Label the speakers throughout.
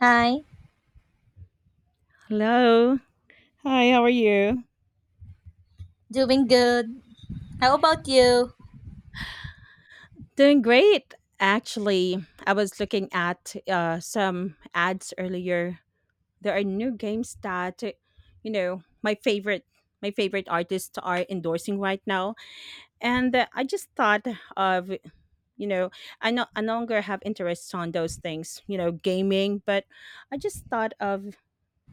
Speaker 1: Hi,
Speaker 2: Hello. Hi, how are you?
Speaker 1: doing good. How about you?
Speaker 2: Doing great. Actually, I was looking at some ads earlier. There are new games that, you know, my favorite artists are endorsing right now, and I just thought of you know I no longer have interests on those things, you know, gaming, but I just thought of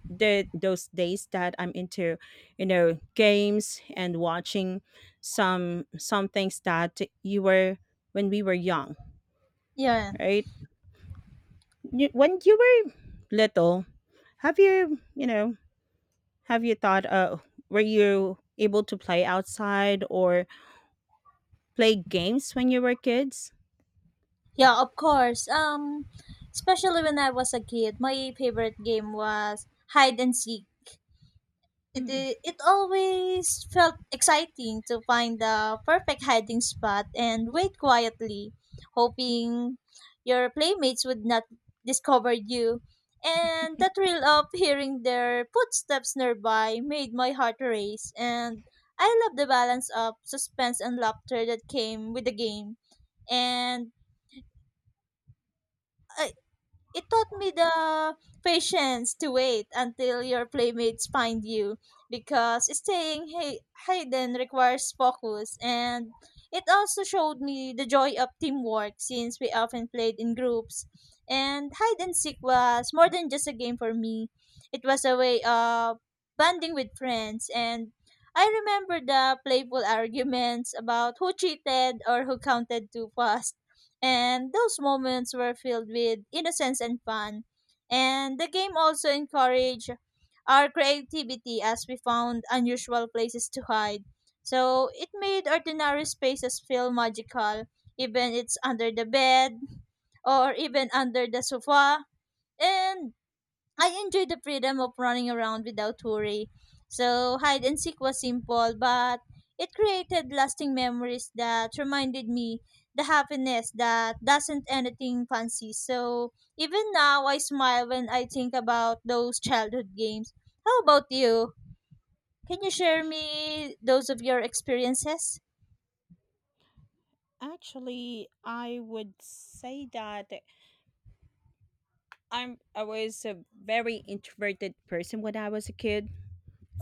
Speaker 2: the those days that I'm into, you know, games and watching some things that you were when we were young,
Speaker 1: Yeah,
Speaker 2: right? You, when you were little, have you, you know, have you thought were you able to play outside or play games when you were kids?
Speaker 1: yeah, Of course. Especially when I was a kid, my favorite game was hide and seek. It,
Speaker 2: Hmm.
Speaker 1: i- it always felt exciting to find the perfect hiding spot and wait quietly, hoping your playmates would not discover you. And the thrill of hearing their footsteps nearby made my heart race, and I love the balance of suspense and laughter that came with the game. And uh, it taught me the patience to wait until your playmates find you because staying hidden requires focus and it also showed me the joy of teamwork since we often played in groups and hide and seek was more than just a game for me. It was a way of bonding with friends and I remember the playful arguments about who cheated or who counted too fast and those moments were filled with innocence and fun. And the game also encouraged our creativity as we found unusual places to hide. So it made ordinary spaces feel magical, even it's under the bed or even under the sofa. And I enjoyed the freedom of running around without worry. So hide and seek was simple, but it created lasting memories that reminded me the happiness that doesn't anything fancy. So even now I smile when I think about those childhood games. How about you? Can you share me those of your experiences?
Speaker 2: Actually, I would say that I was a very introverted person when I was a kid.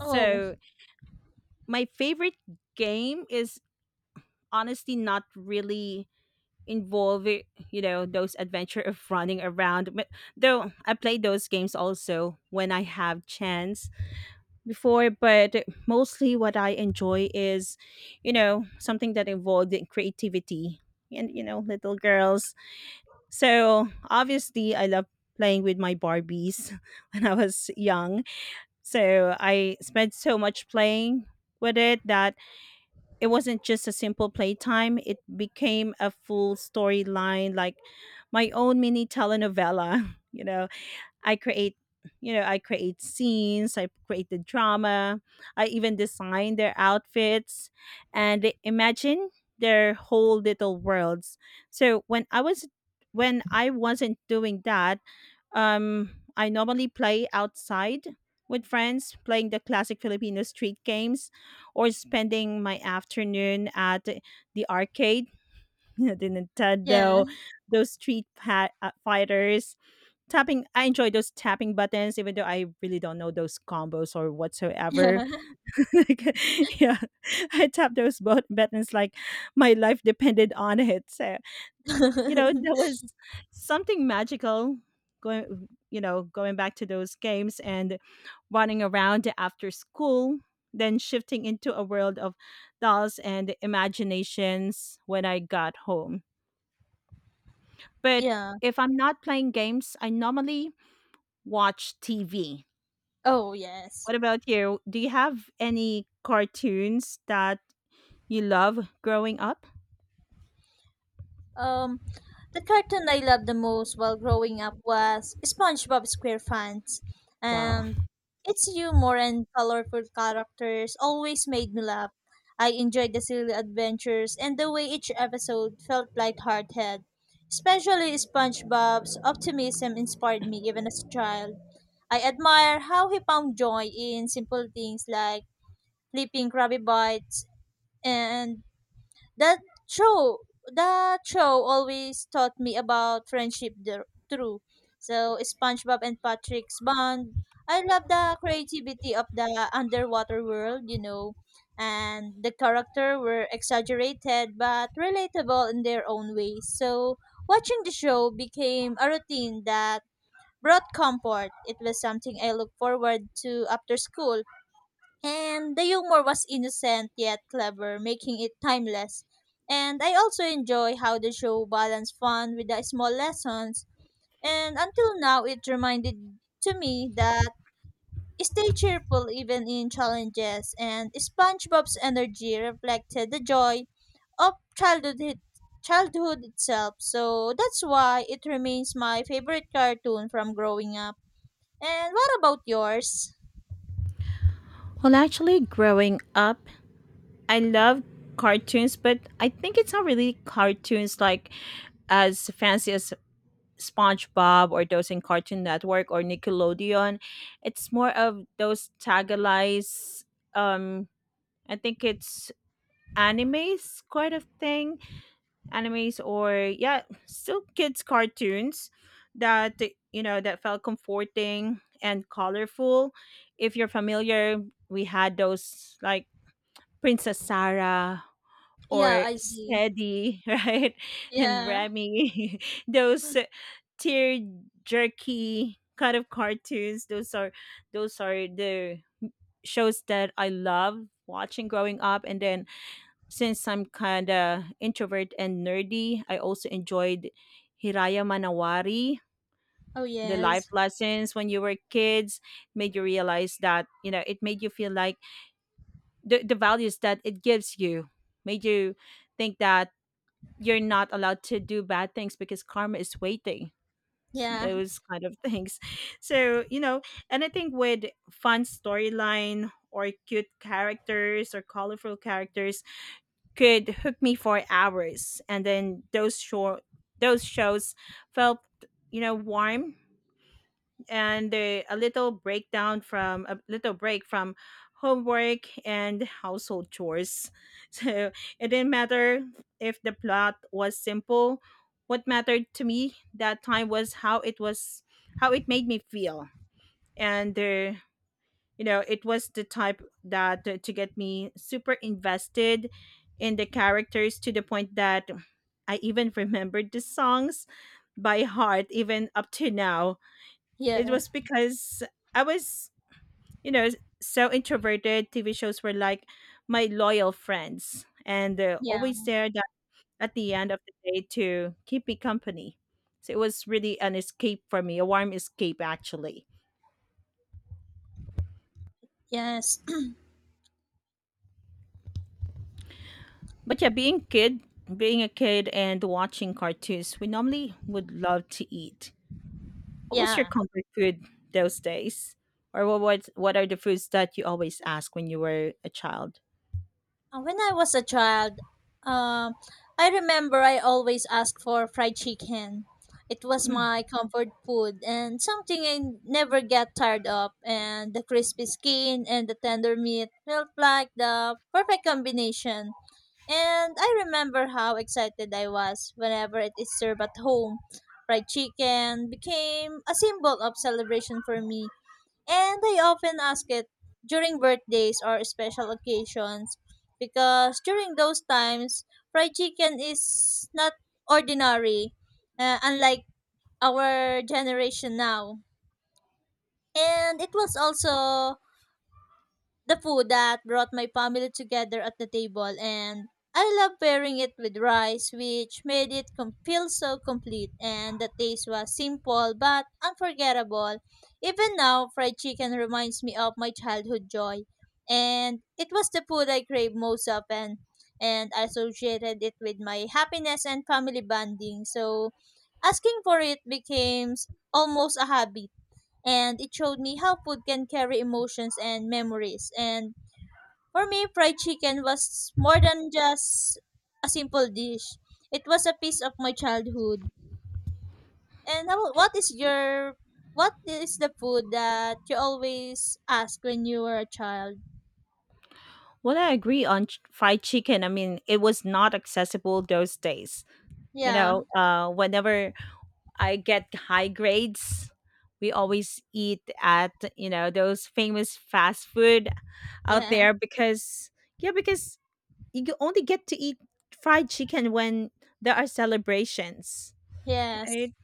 Speaker 1: Oh,
Speaker 2: my favorite game is honestly not really involving, you know, those adventure of running around, but though I played those games also when I have chance before, but mostly what I enjoy is, you know, something that involved in creativity and you know little girls, so obviously I love playing with my barbies when I was young. So I spent so much playing with it that it wasn't just a simple playtime, it became a full storyline, like my own mini telenovela, you know, i create I create scenes, I create the drama, I even design their outfits and they imagine their whole little worlds. So when I wasn't doing that, um, I normally play outside with friends, playing the classic Filipino street games, or spending my afternoon at the arcade, the
Speaker 1: yeah.
Speaker 2: Nintendo, those fighters. Tapping, I enjoy those tapping buttons, even though I really don't know those combos or whatsoever.
Speaker 1: Yeah.
Speaker 2: Like, yeah, I tap those buttons like my life depended on it. So you know, there was something magical going back to those games and running around after school, then shifting into a world of dolls and imaginations when I got home. But
Speaker 1: Yeah.
Speaker 2: if I'm not playing games, I normally watch TV.
Speaker 1: Oh, yes.
Speaker 2: What about you? Do you have any cartoons that you love growing up?
Speaker 1: Um, the cartoon I loved the most while growing up was SpongeBob SquarePants,
Speaker 2: Wow.
Speaker 1: and its humor and colorful characters always made me laugh. I enjoyed the silly adventures and the way each episode felt lighthearted. Especially SpongeBob's optimism inspired me even as a child. I admire how he found joy in simple things like flipping Krabby Bites and that show, that show always taught me about friendship through. So SpongeBob and Patrick's bond. I love the creativity of the underwater world, and the character were exaggerated but relatable in their own ways. So watching the show became a routine that brought comfort. It was something I looked forward to after school and the humor was innocent yet clever, making it timeless. And I also enjoy how the show balanced fun with the small lessons, and until now, it reminded to me that stay cheerful even in challenges, and SpongeBob's energy reflected the joy of childhood, childhood itself. So that's why it remains my favorite cartoon from growing up. And what about yours?
Speaker 2: Well, actually, growing up, I love cartoons, but I think it's not really cartoons like as fancy as SpongeBob or those in Cartoon Network or Nickelodeon. It's more of those tagalized. Um, I think it's animes kind of thing. Animes, or yeah, still kids cartoons that, you know, that felt comforting and colorful. If you're familiar, we had those like Princess Sarah
Speaker 1: Yeah,
Speaker 2: or
Speaker 1: I see.
Speaker 2: Steady, right? And
Speaker 1: Yeah.
Speaker 2: Remy, those tear jerky kind of cartoons. Those are the shows that I love watching growing up. And then since I'm kinda introvert and nerdy, I also enjoyed Hiraya Manawari.
Speaker 1: Oh,
Speaker 2: The life
Speaker 1: yes.
Speaker 2: lessons when you were kids made you realize that, you know, it made you feel like the values that it gives you made you think that you're not allowed to do bad things because karma is waiting,
Speaker 1: Yeah,
Speaker 2: those kind of things, so you know. And I think with fun storyline or cute characters or colorful characters could hook me for hours, and then those shows felt, you know, warm and a little breakdown from a little break from homework and household chores. So it didn't matter if the plot was simple. What mattered to me that time was how it made me feel. And you know, it was the type that to get me super invested in the characters to the point that I even remembered the songs by heart even up to now. It
Speaker 1: yeah,
Speaker 2: was because I was, you know, so introverted. TV shows were like my loyal friends, and they're
Speaker 1: yeah,
Speaker 2: always there that at the end of the day to keep me company. So it was really an escape for me, a warm escape actually.
Speaker 1: yes,
Speaker 2: But yeah, being a kid and watching cartoons, we normally would love to eat. What was
Speaker 1: yeah.
Speaker 2: your comfort food those days? Or what are the foods that you always ask when you were a child?
Speaker 1: When I was a child, um, I remember I always asked for fried chicken. It was my comfort food and something I never get tired of. And the crispy skin and the tender meat felt like the perfect combination. And I remember how excited I was whenever it is served at home. Fried chicken became a symbol of celebration for me. And I often ask it during birthdays or special occasions because during those times, fried chicken is not ordinary, unlike our generation now. And it was also the food that brought my family together at the table and I love pairing it with rice which made it feel so complete and the taste was simple but unforgettable. Even now fried chicken reminds me of my childhood joy and it was the food I crave most often and I associated it with my happiness and family bonding so asking for it became almost a habit and it showed me how food can carry emotions and memories. And for me, fried chicken was more than just a simple dish. It was a piece of my childhood. What is your what is the food that you always ask when you were a child?
Speaker 2: Well, I agree on fried chicken. I mean, it was not accessible those days. You
Speaker 1: Yeah,
Speaker 2: know, whenever I get high grades, we always eat at you know those famous fast food out
Speaker 1: yeah,
Speaker 2: there because yeah, because you can only get to eat fried chicken when there are celebrations,
Speaker 1: Yes.
Speaker 2: right?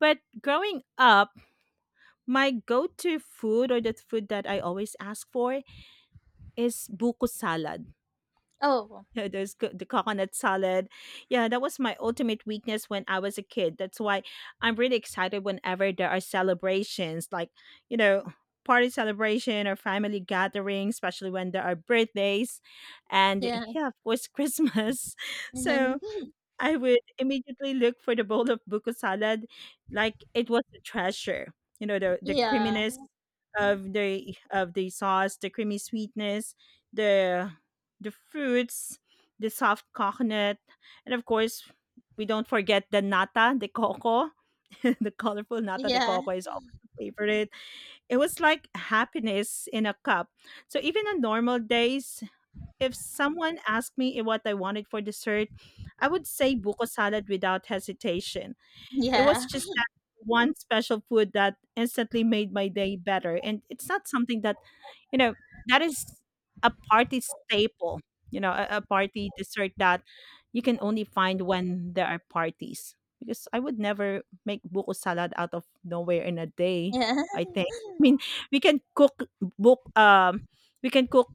Speaker 2: But growing up, my go-to food or the food that I always ask for is buko salad.
Speaker 1: Oh,
Speaker 2: Yeah, there's the coconut salad. Yeah, that was my ultimate weakness when I was a kid. That's why I'm really excited whenever there are celebrations, like, you know, party celebration or family gathering, especially when there are birthdays and
Speaker 1: yeah,
Speaker 2: yeah, of course Christmas. So I would immediately look for the bowl of buko salad like it was a treasure. You know, the
Speaker 1: yeah,
Speaker 2: creaminess of the sauce, the creamy sweetness, the the fruits, the soft coconut, and of course we don't forget the nata de coco. The colorful nata de
Speaker 1: yeah,
Speaker 2: coco is always a favorite. It was like happiness in a cup. So even on normal days, if someone asked me what I wanted for dessert, I would say buko salad without hesitation. It was
Speaker 1: yeah,
Speaker 2: just that one special food that instantly made my day better. And it's not something that, you know, that is a party staple, you know, a party dessert that you can only find when there are parties. Because I would never make buko salad out of nowhere in a day,
Speaker 1: yeah,
Speaker 2: I think. I mean, we can cook book we can cook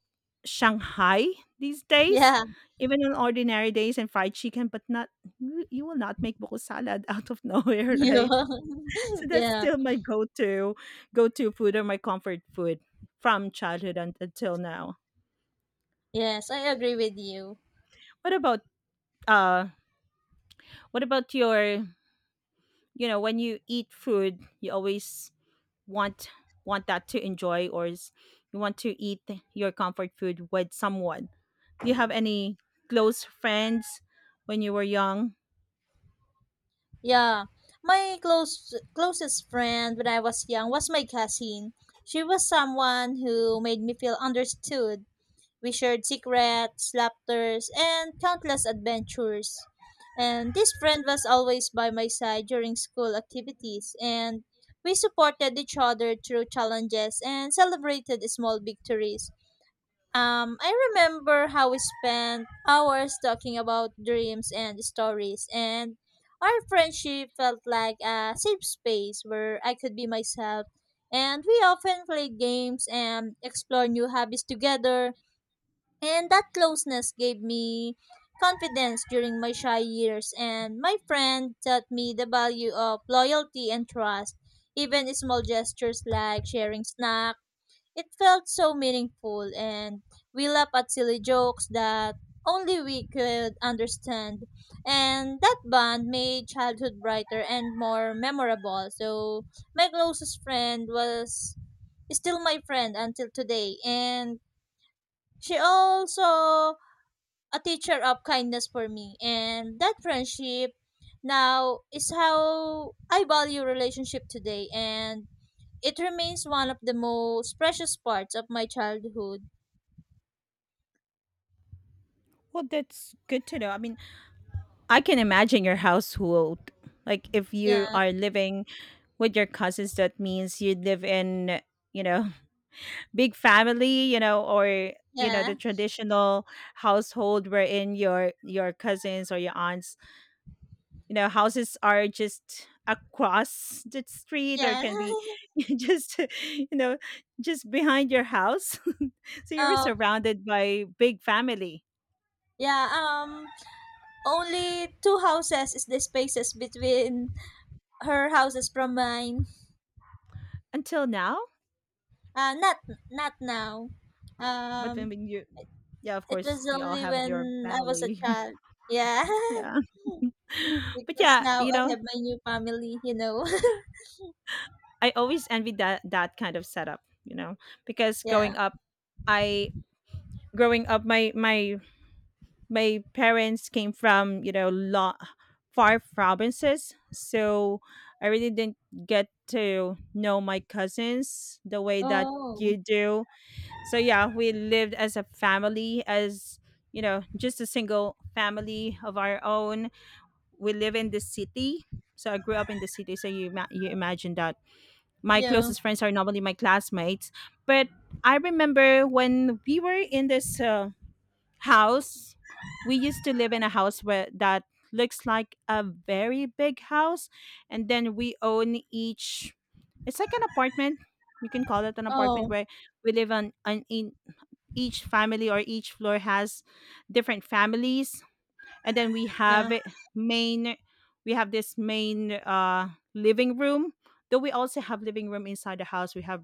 Speaker 2: Shanghai these days,
Speaker 1: yeah,
Speaker 2: even on ordinary days and fried chicken, but not you will not make buko salad out of nowhere,
Speaker 1: yeah.
Speaker 2: right? So that's
Speaker 1: Yeah.
Speaker 2: still my go-to food or my comfort food from childhood until now.
Speaker 1: Yes, I agree with you.
Speaker 2: What about uh what about your, you know, when you eat food, you always want want that to enjoy, or is, you want to eat your comfort food with someone. Do you have any close friends when you were young?
Speaker 1: Yeah, my closest friend when I was young was my cousin. She was someone who made me feel understood. We shared secrets, laughters, and countless adventures. And this friend was always by my side during school activities, and we supported each other through challenges and celebrated small victories. I remember how we spent hours talking about dreams and stories, and our friendship felt like a safe space where I could be myself. And we often played games and explored new hobbies together, and that closeness gave me confidence during my shy years. And my friend taught me the value of loyalty and trust. Even small gestures like sharing snacks it felt so meaningful, and we laughed at silly jokes that only we could understand. And that bond made childhood brighter and more memorable. So, my closest friend was still my friend until today. And she also a teacher of kindness for me. And that friendship now is how I value relationship today. And it remains one of the most precious parts of my childhood.
Speaker 2: Well, that's good to know. I mean, I can imagine your household. Like if
Speaker 1: Yeah,
Speaker 2: you are living with your cousins, that means you live in, you know, big family, you know, or you know, the
Speaker 1: yeah,
Speaker 2: traditional household wherein your cousins or your aunts, you know, houses are just across the street or
Speaker 1: yeah.
Speaker 2: can be just you know, just behind your house. So you were
Speaker 1: Oh,
Speaker 2: surrounded by big family.
Speaker 1: yeah. Only two houses is the spaces between her houses from mine.
Speaker 2: Until now.
Speaker 1: Uh, not not now.
Speaker 2: But
Speaker 1: Um,
Speaker 2: when you yeah of
Speaker 1: it
Speaker 2: course
Speaker 1: was
Speaker 2: you all
Speaker 1: only
Speaker 2: have your
Speaker 1: when I was a
Speaker 2: family.
Speaker 1: child. Yeah.
Speaker 2: Yeah. But
Speaker 1: Because
Speaker 2: yeah
Speaker 1: now
Speaker 2: you
Speaker 1: I
Speaker 2: know
Speaker 1: have my new family. You know.
Speaker 2: I always envied that kind of setup, you know, because
Speaker 1: Yeah.
Speaker 2: growing up I growing up my parents came from you know far provinces, so I really didn't get to know my cousins the way that
Speaker 1: Oh.
Speaker 2: you do. So yeah, we lived as a family, as you know, just a single family of our own. We live in the city. So I grew up in the city. So you you imagine that my
Speaker 1: Yeah.
Speaker 2: closest friends are normally my classmates. But I remember when we were in this house, we used to live in a house where that looks like a very big house, and then we own each. It's like an apartment. You can call it an apartment
Speaker 1: Oh.
Speaker 2: where we live on, in each family, or each floor has different families, and then
Speaker 1: Yeah.
Speaker 2: main we have this main living room, though we also have living room inside the house. we have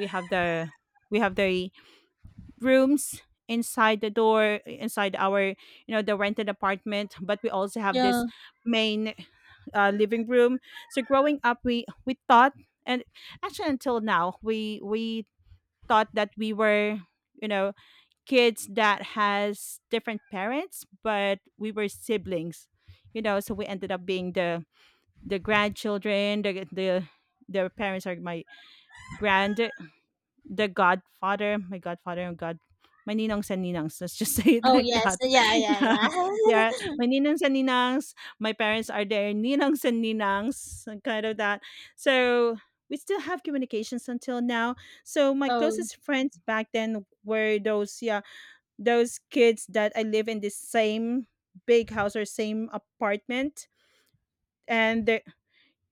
Speaker 2: we have the we have the rooms inside the door, inside our, you know, the rented apartment. But we also have this
Speaker 1: Yeah.
Speaker 2: main living room. So growing up, we thought, and actually until now we thought that we were, you know, kids that has different parents, but we were siblings, you know. So we ended up being the grandchildren. The their parents are my grand, the godfather, my godfather and god, my ninongs and ninangs. Let's just say it
Speaker 1: Oh,
Speaker 2: like
Speaker 1: yes.
Speaker 2: that. Yeah, yeah.
Speaker 1: Yeah.
Speaker 2: My ninongs and ninangs. My parents are their ninongs and ninangs, and kind of that. So we still have communications until now. So my
Speaker 1: Oh,
Speaker 2: closest friends back then were those, yeah, those kids that I live in the same big house or same apartment. And they-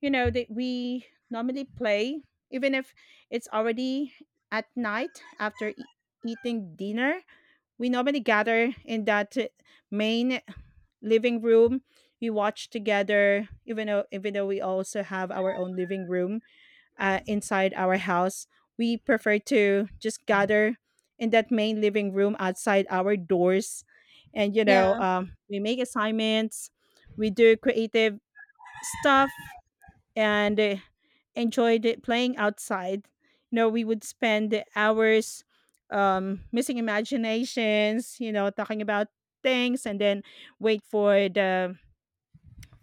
Speaker 2: you know that we normally play even if it's already at night after eating dinner. We normally gather in that main living room. We watch together, even though we also have our own living room inside our house, we prefer to just gather in that main living room outside our doors. And, you
Speaker 1: yeah,
Speaker 2: know, we make assignments, we do creative stuff, and enjoyed it playing outside. You know, we would spend hours missing imaginations, you know, talking about things and then wait for the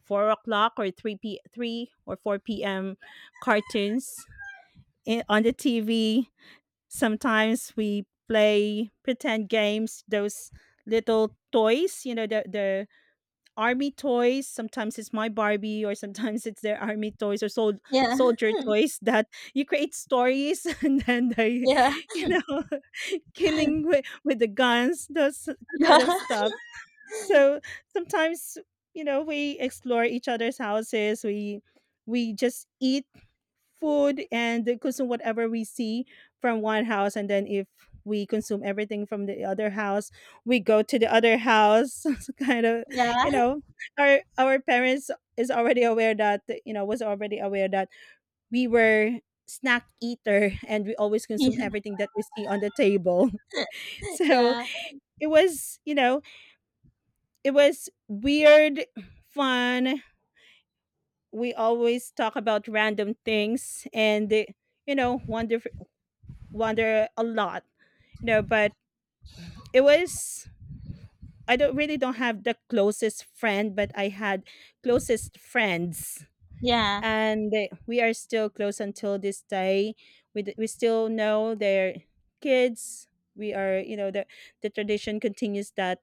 Speaker 2: 4 o'clock or 3 p 3 or 4 p.m cartoons on the TV. Sometimes we play pretend games, those little toys, you know, the army toys. Sometimes it's my Barbie, or sometimes it's their army toys or
Speaker 1: yeah,
Speaker 2: soldier toys that you create stories and then
Speaker 1: yeah,
Speaker 2: you know, killing with the guns, those kind of
Speaker 1: yeah,
Speaker 2: stuff. So sometimes, you know, we explore each other's houses. We just eat food and consume whatever we see from one house, and then if we consume everything from the other house, we go to the other house. It's kind of, you
Speaker 1: yeah,
Speaker 2: know, our parents is already aware that you know was already aware that we were snack eater and we always consume everything that we see on the table. So
Speaker 1: yeah,
Speaker 2: it was, you know, it was weird, fun. We always talk about random things, and you know, wonder a lot. You know, but it was, I don't really don't have the closest friend, but I had closest friends,
Speaker 1: yeah,
Speaker 2: and we are still close until this day. We still know their kids. We are, you know, the tradition continues that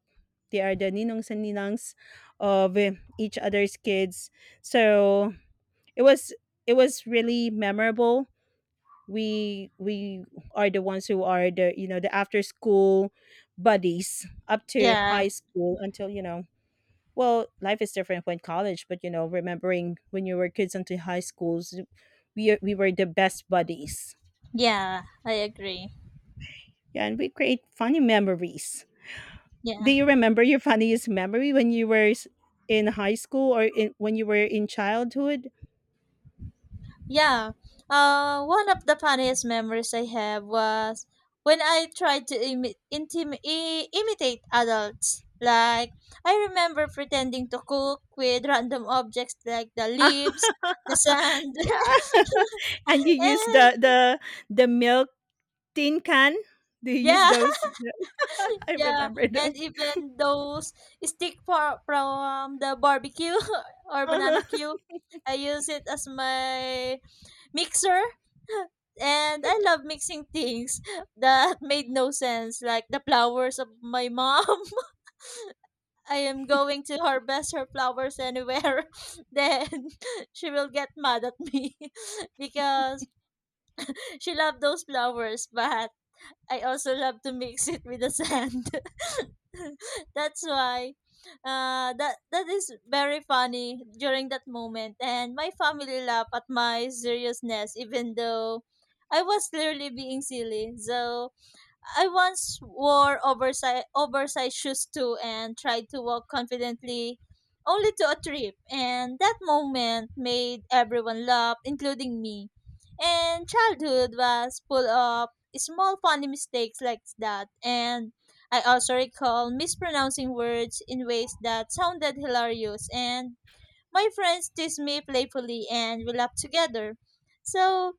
Speaker 2: they are the ninongs and ninangs of each other's kids. So it was, it was really memorable. We are the ones who are, the you know, the after school buddies up to
Speaker 1: yeah,
Speaker 2: high school until, you know, well, life is different when college, but you know, remembering when you were kids until high schools, we were the best buddies.
Speaker 1: yeah, I agree.
Speaker 2: Yeah, and we create funny memories.
Speaker 1: Yeah,
Speaker 2: Do you remember your funniest memory when you were in high school or when you were in childhood?
Speaker 1: yeah. One of the funniest memories I have was when I tried to imitate adults. Like, I remember pretending to cook with random objects like the
Speaker 2: Ah,
Speaker 1: leaves, the sand,
Speaker 2: yeah. And you use
Speaker 1: and
Speaker 2: the the milk tin can. Do you use
Speaker 1: yeah,
Speaker 2: those? I
Speaker 1: Yeah,
Speaker 2: remember those.
Speaker 1: and even those stick for from the barbecue or
Speaker 2: Uh-huh.
Speaker 1: banana cue, I use it as my mixer. And I love mixing things that made no sense, like the flowers of my mom. I am going to harvest her flowers anywhere. Then she will get mad at me because she loved those flowers, but I also love to mix it with the sand. That's why that is very funny during that moment and my family laughed at my seriousness even though I was clearly being silly. So I once wore oversized shoes too and tried to walk confidently only to a trip and that moment made everyone laugh including me. And childhood was full of small funny mistakes like that and I also recall mispronouncing words in ways that sounded hilarious and my friends teased me playfully and we laughed together. So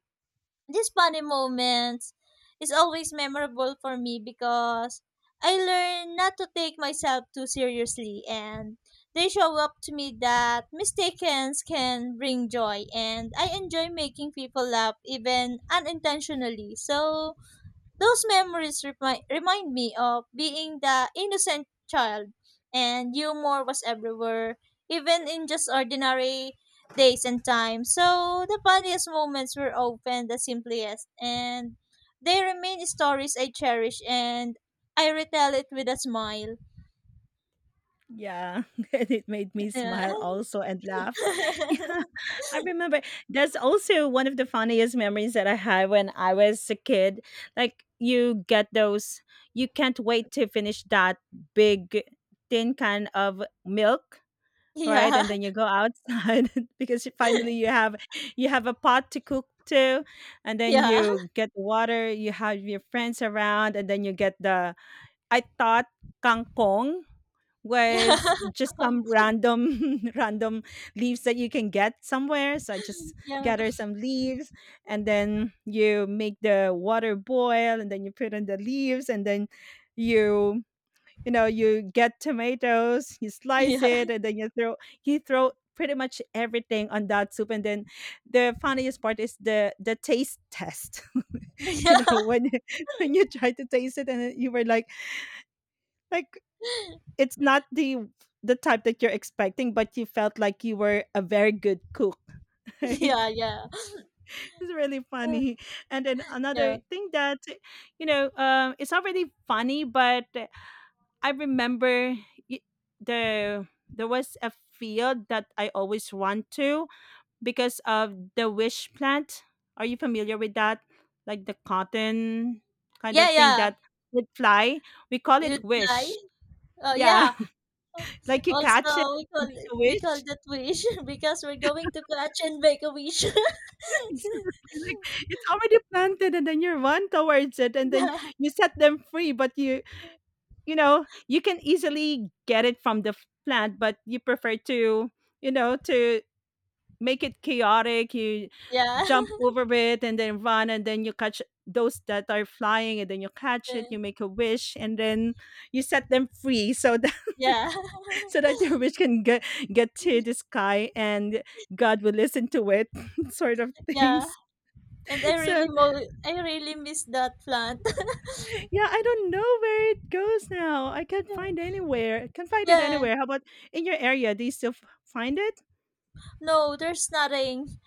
Speaker 1: these funny moments is always memorable for me because I learn not to take myself too seriously and they show up to me that mistakes can bring joy and I enjoy making people laugh even unintentionally. So those memories remind me of being the innocent child, and humor was everywhere, even in just ordinary days and times. So the funniest moments were often the simplest, and they remain stories I cherish, and I retell it with a smile.
Speaker 2: Yeah, and it made me
Speaker 1: Yeah,
Speaker 2: smile also and laugh. Yeah, I remember that's also one of the funniest memories that I had when I was a kid. Like, you get those, you can't wait to finish that big tin can of milk, right?
Speaker 1: yeah,
Speaker 2: And then you go outside because finally you have a pot to cook to, and then
Speaker 1: yeah,
Speaker 2: you get water, you have your friends around, and then you get the, I thought kangkong
Speaker 1: yeah,
Speaker 2: was just
Speaker 1: Oh,
Speaker 2: some random random leaves that you can get somewhere. So I just
Speaker 1: yeah,
Speaker 2: gather some leaves, and then you make the water boil, and then you put in the leaves, and then you you know, you get tomatoes, you slice
Speaker 1: yeah,
Speaker 2: it, and then you throw pretty much everything on that soup, and then the funniest part is the taste test. You
Speaker 1: yeah,
Speaker 2: know, when when you try to taste it and you were like, it's not the type that you're expecting, but you felt like you were a very good cook. Right?
Speaker 1: yeah, yeah,
Speaker 2: It's really
Speaker 1: Uh,
Speaker 2: funny. And then another
Speaker 1: yeah,
Speaker 2: thing that, you know, it's not really funny, but I remember, y- the, there was a field that I always want to, because of the wish plant. Are you familiar with that? Like the cotton kind of thing
Speaker 1: yeah.
Speaker 2: that would fly. We call it
Speaker 1: You'd lie.
Speaker 2: wish.
Speaker 1: Oh,
Speaker 2: Yeah,
Speaker 1: yeah.
Speaker 2: like you
Speaker 1: Also,
Speaker 2: catch it,
Speaker 1: we call
Speaker 2: make a wish.
Speaker 1: that wish because we're going to catch and make a wish.
Speaker 2: Exactly, like, it's already planted, and then you run towards it, and then
Speaker 1: yeah,
Speaker 2: you set them free, but you know, you can easily get it from the plant, but you prefer to, you know, to make it chaotic. You
Speaker 1: yeah.
Speaker 2: jump over it and then run, and then you catch those that are flying, and then you catch it,
Speaker 1: Uh,
Speaker 2: you make a wish, and then you set them free so that
Speaker 1: yeah.
Speaker 2: so that your wish can get to the sky and God will listen to it sort of
Speaker 1: Yeah.
Speaker 2: things.
Speaker 1: And I
Speaker 2: So,
Speaker 1: really I really miss that plant.
Speaker 2: yeah, I don't know where it goes now. I can't find anywhere. I can't find it
Speaker 1: Yeah.
Speaker 2: anywhere. How about in your area? Do you still find it?
Speaker 1: No, there's nothing.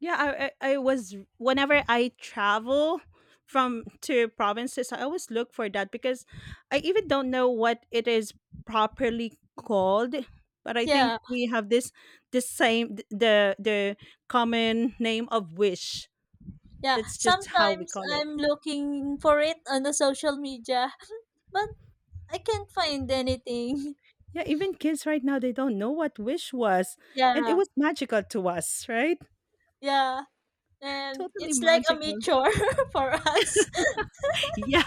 Speaker 2: Yeah, I was, whenever I travel from to provinces, I always look for that because I even don't know what it is properly called. But I think
Speaker 1: Yeah,
Speaker 2: we have this same the common name of wish.
Speaker 1: yeah.
Speaker 2: That's just how we
Speaker 1: Sometimes
Speaker 2: call it.
Speaker 1: I'm looking for it on the social media, but I can't find anything.
Speaker 2: Yeah, even kids right now, they don't know what wish was. And it
Speaker 1: Yeah,
Speaker 2: was magical to us, right?
Speaker 1: yeah. And
Speaker 2: Totally
Speaker 1: it's like a
Speaker 2: magical.
Speaker 1: meteor for us.
Speaker 2: Yeah,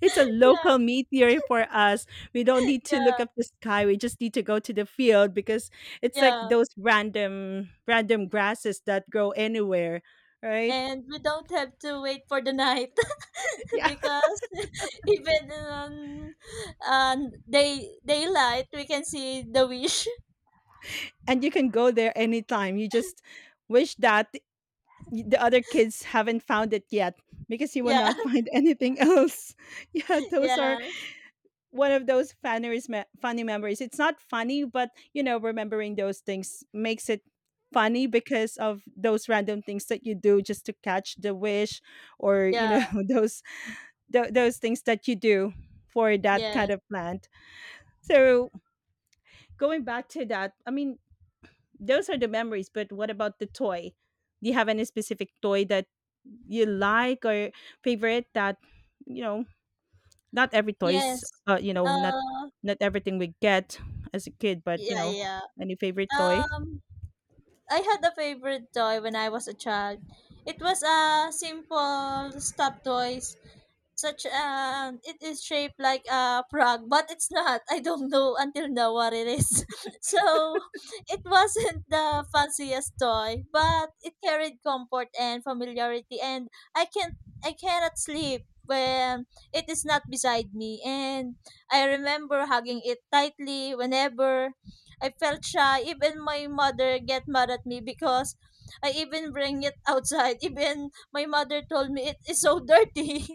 Speaker 2: it's a
Speaker 1: Yeah,
Speaker 2: local meteor for us. We don't need to
Speaker 1: yeah.
Speaker 2: look up the sky. We just need to go to the field because it's like
Speaker 1: Yeah,
Speaker 2: those random grasses that grow anywhere, right?
Speaker 1: and we don't have to wait for the night
Speaker 2: Yeah.
Speaker 1: because even on daylight we can see the wish.
Speaker 2: And you can go there anytime. You just wish that the other kids haven't found it yet, because you will
Speaker 1: Yeah,
Speaker 2: not find anything else. Yeah, those are
Speaker 1: yes,
Speaker 2: one of those funniest funny memories. It's not funny, but you know, remembering those things makes it funny because of those random things that you do just to catch the wish, or you
Speaker 1: yeah,
Speaker 2: know, those those things that you do for that kind
Speaker 1: yes,
Speaker 2: of plant. So, going back to that, I mean, those are the memories. But what about the toy? Do you have any specific toy that you like or favorite that, you know, not every toys,
Speaker 1: yes.
Speaker 2: you know,
Speaker 1: Uh,
Speaker 2: not everything we get as a kid, but you
Speaker 1: yeah.
Speaker 2: know,
Speaker 1: Yeah.
Speaker 2: any favorite toy?
Speaker 1: Um, I had a favorite toy when I was a child. It was a simple stuffed toy such it is shaped like a frog but it's not. I don't know until now what it is. So it wasn't the fanciest toy but it carried comfort and familiarity and i can I cannot sleep when it is not beside me and I remember hugging it tightly whenever I felt shy. Even my mother get mad at me because I even bring it outside. Even my mother told me it is so dirty.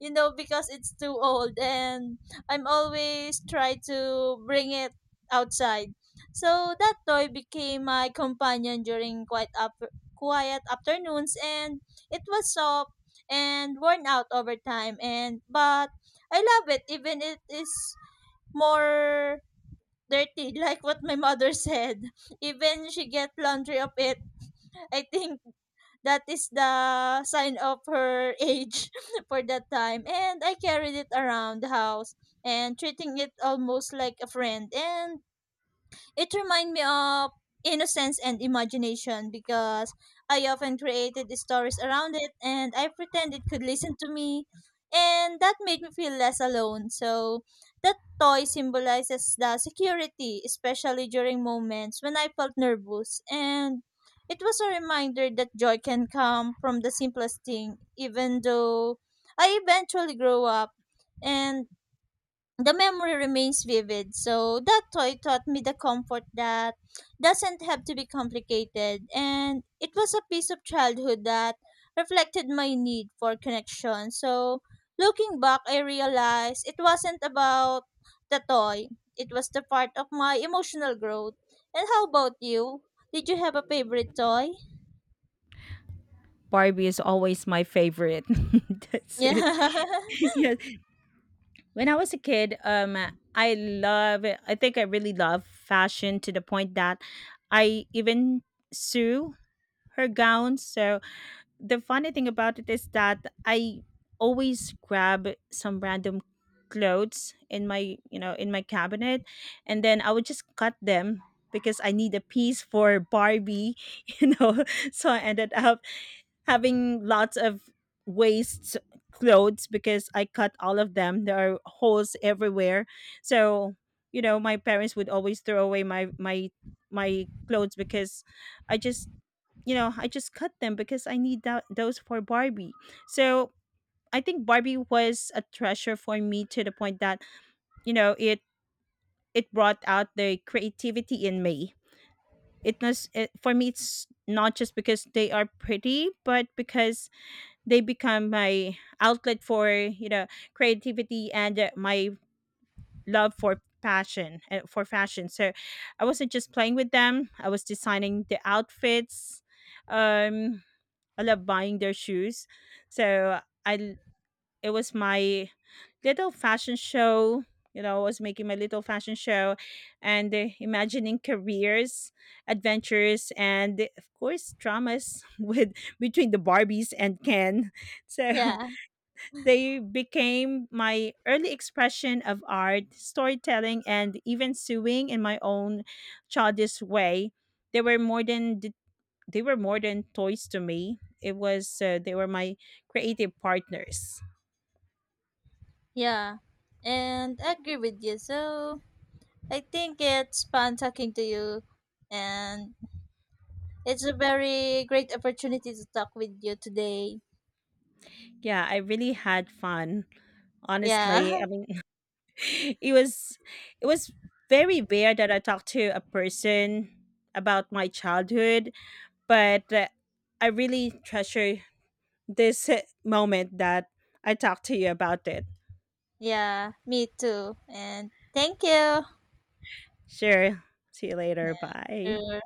Speaker 1: You know, because it's too old and I'm always try to bring it outside. So that toy became my companion during quiet afternoons and it was soft and worn out over time and but I love it even it is more dirty. Like what my mother said, even she get laundry of it. I think that is the sign of her age for that time. And I carried it around the house and treating it almost like a friend. And it reminds me of innocence and imagination because I often created stories around it and I pretend it could listen to me. And that made me feel less alone. So that toy symbolizes the security, especially during moments when I felt nervous. And it was a reminder that joy can come from the simplest thing, even though I eventually grow up. And the memory remains vivid. So that toy taught me the comfort that doesn't have to be complicated. And it was a piece of childhood that reflected my need for connection. So looking back, I realized it wasn't about the toy, it was the part of my emotional growth. And how about you? Did you have a favorite toy?
Speaker 2: Barbie is always my favorite. That's
Speaker 1: Yeah.
Speaker 2: it. Yes, when I was a kid, I love, I think I really love fashion, to the point that I even sew her gowns. So the funny thing about it is that I always grab some random clothes in my, you know, in my cabinet, and then I would just cut them because I need a piece for Barbie, you know. So I ended up having lots of waste clothes because I cut all of them. There are holes everywhere. So, you know, my parents would always throw away my my clothes because I just, you know, I just cut them because I need that, those for Barbie. So I think Barbie was a treasure for me, to the point that, you know, it brought out the creativity in me. It was it, for me. It's not just because they are pretty, but because they become my outlet for, you know, creativity and my love for passion, for fashion. So I wasn't just playing with them. I was designing the outfits. Um, I love buying their shoes. So it was my little fashion show. You know, I was making my little fashion show and imagining careers, adventures, and of course, dramas with between the Barbies and Ken. So
Speaker 1: Yeah.
Speaker 2: they became my early expression of art, storytelling, and even sewing in my own childish way. They were more than the, they were more than toys to me. It was they were my creative partners.
Speaker 1: Yeah. And I agree with you. So I think it's fun talking to you, and it's a very great opportunity to talk with you today.
Speaker 2: Yeah, I really had fun. Honestly, I
Speaker 1: Yeah,
Speaker 2: mean, it was, it was very rare that I talked to a person about my childhood, but I really treasure this moment that I talked to you about it.
Speaker 1: yeah, me too. And thank you.
Speaker 2: Sure. See you later.
Speaker 1: Yeah,
Speaker 2: Bye.
Speaker 1: sure.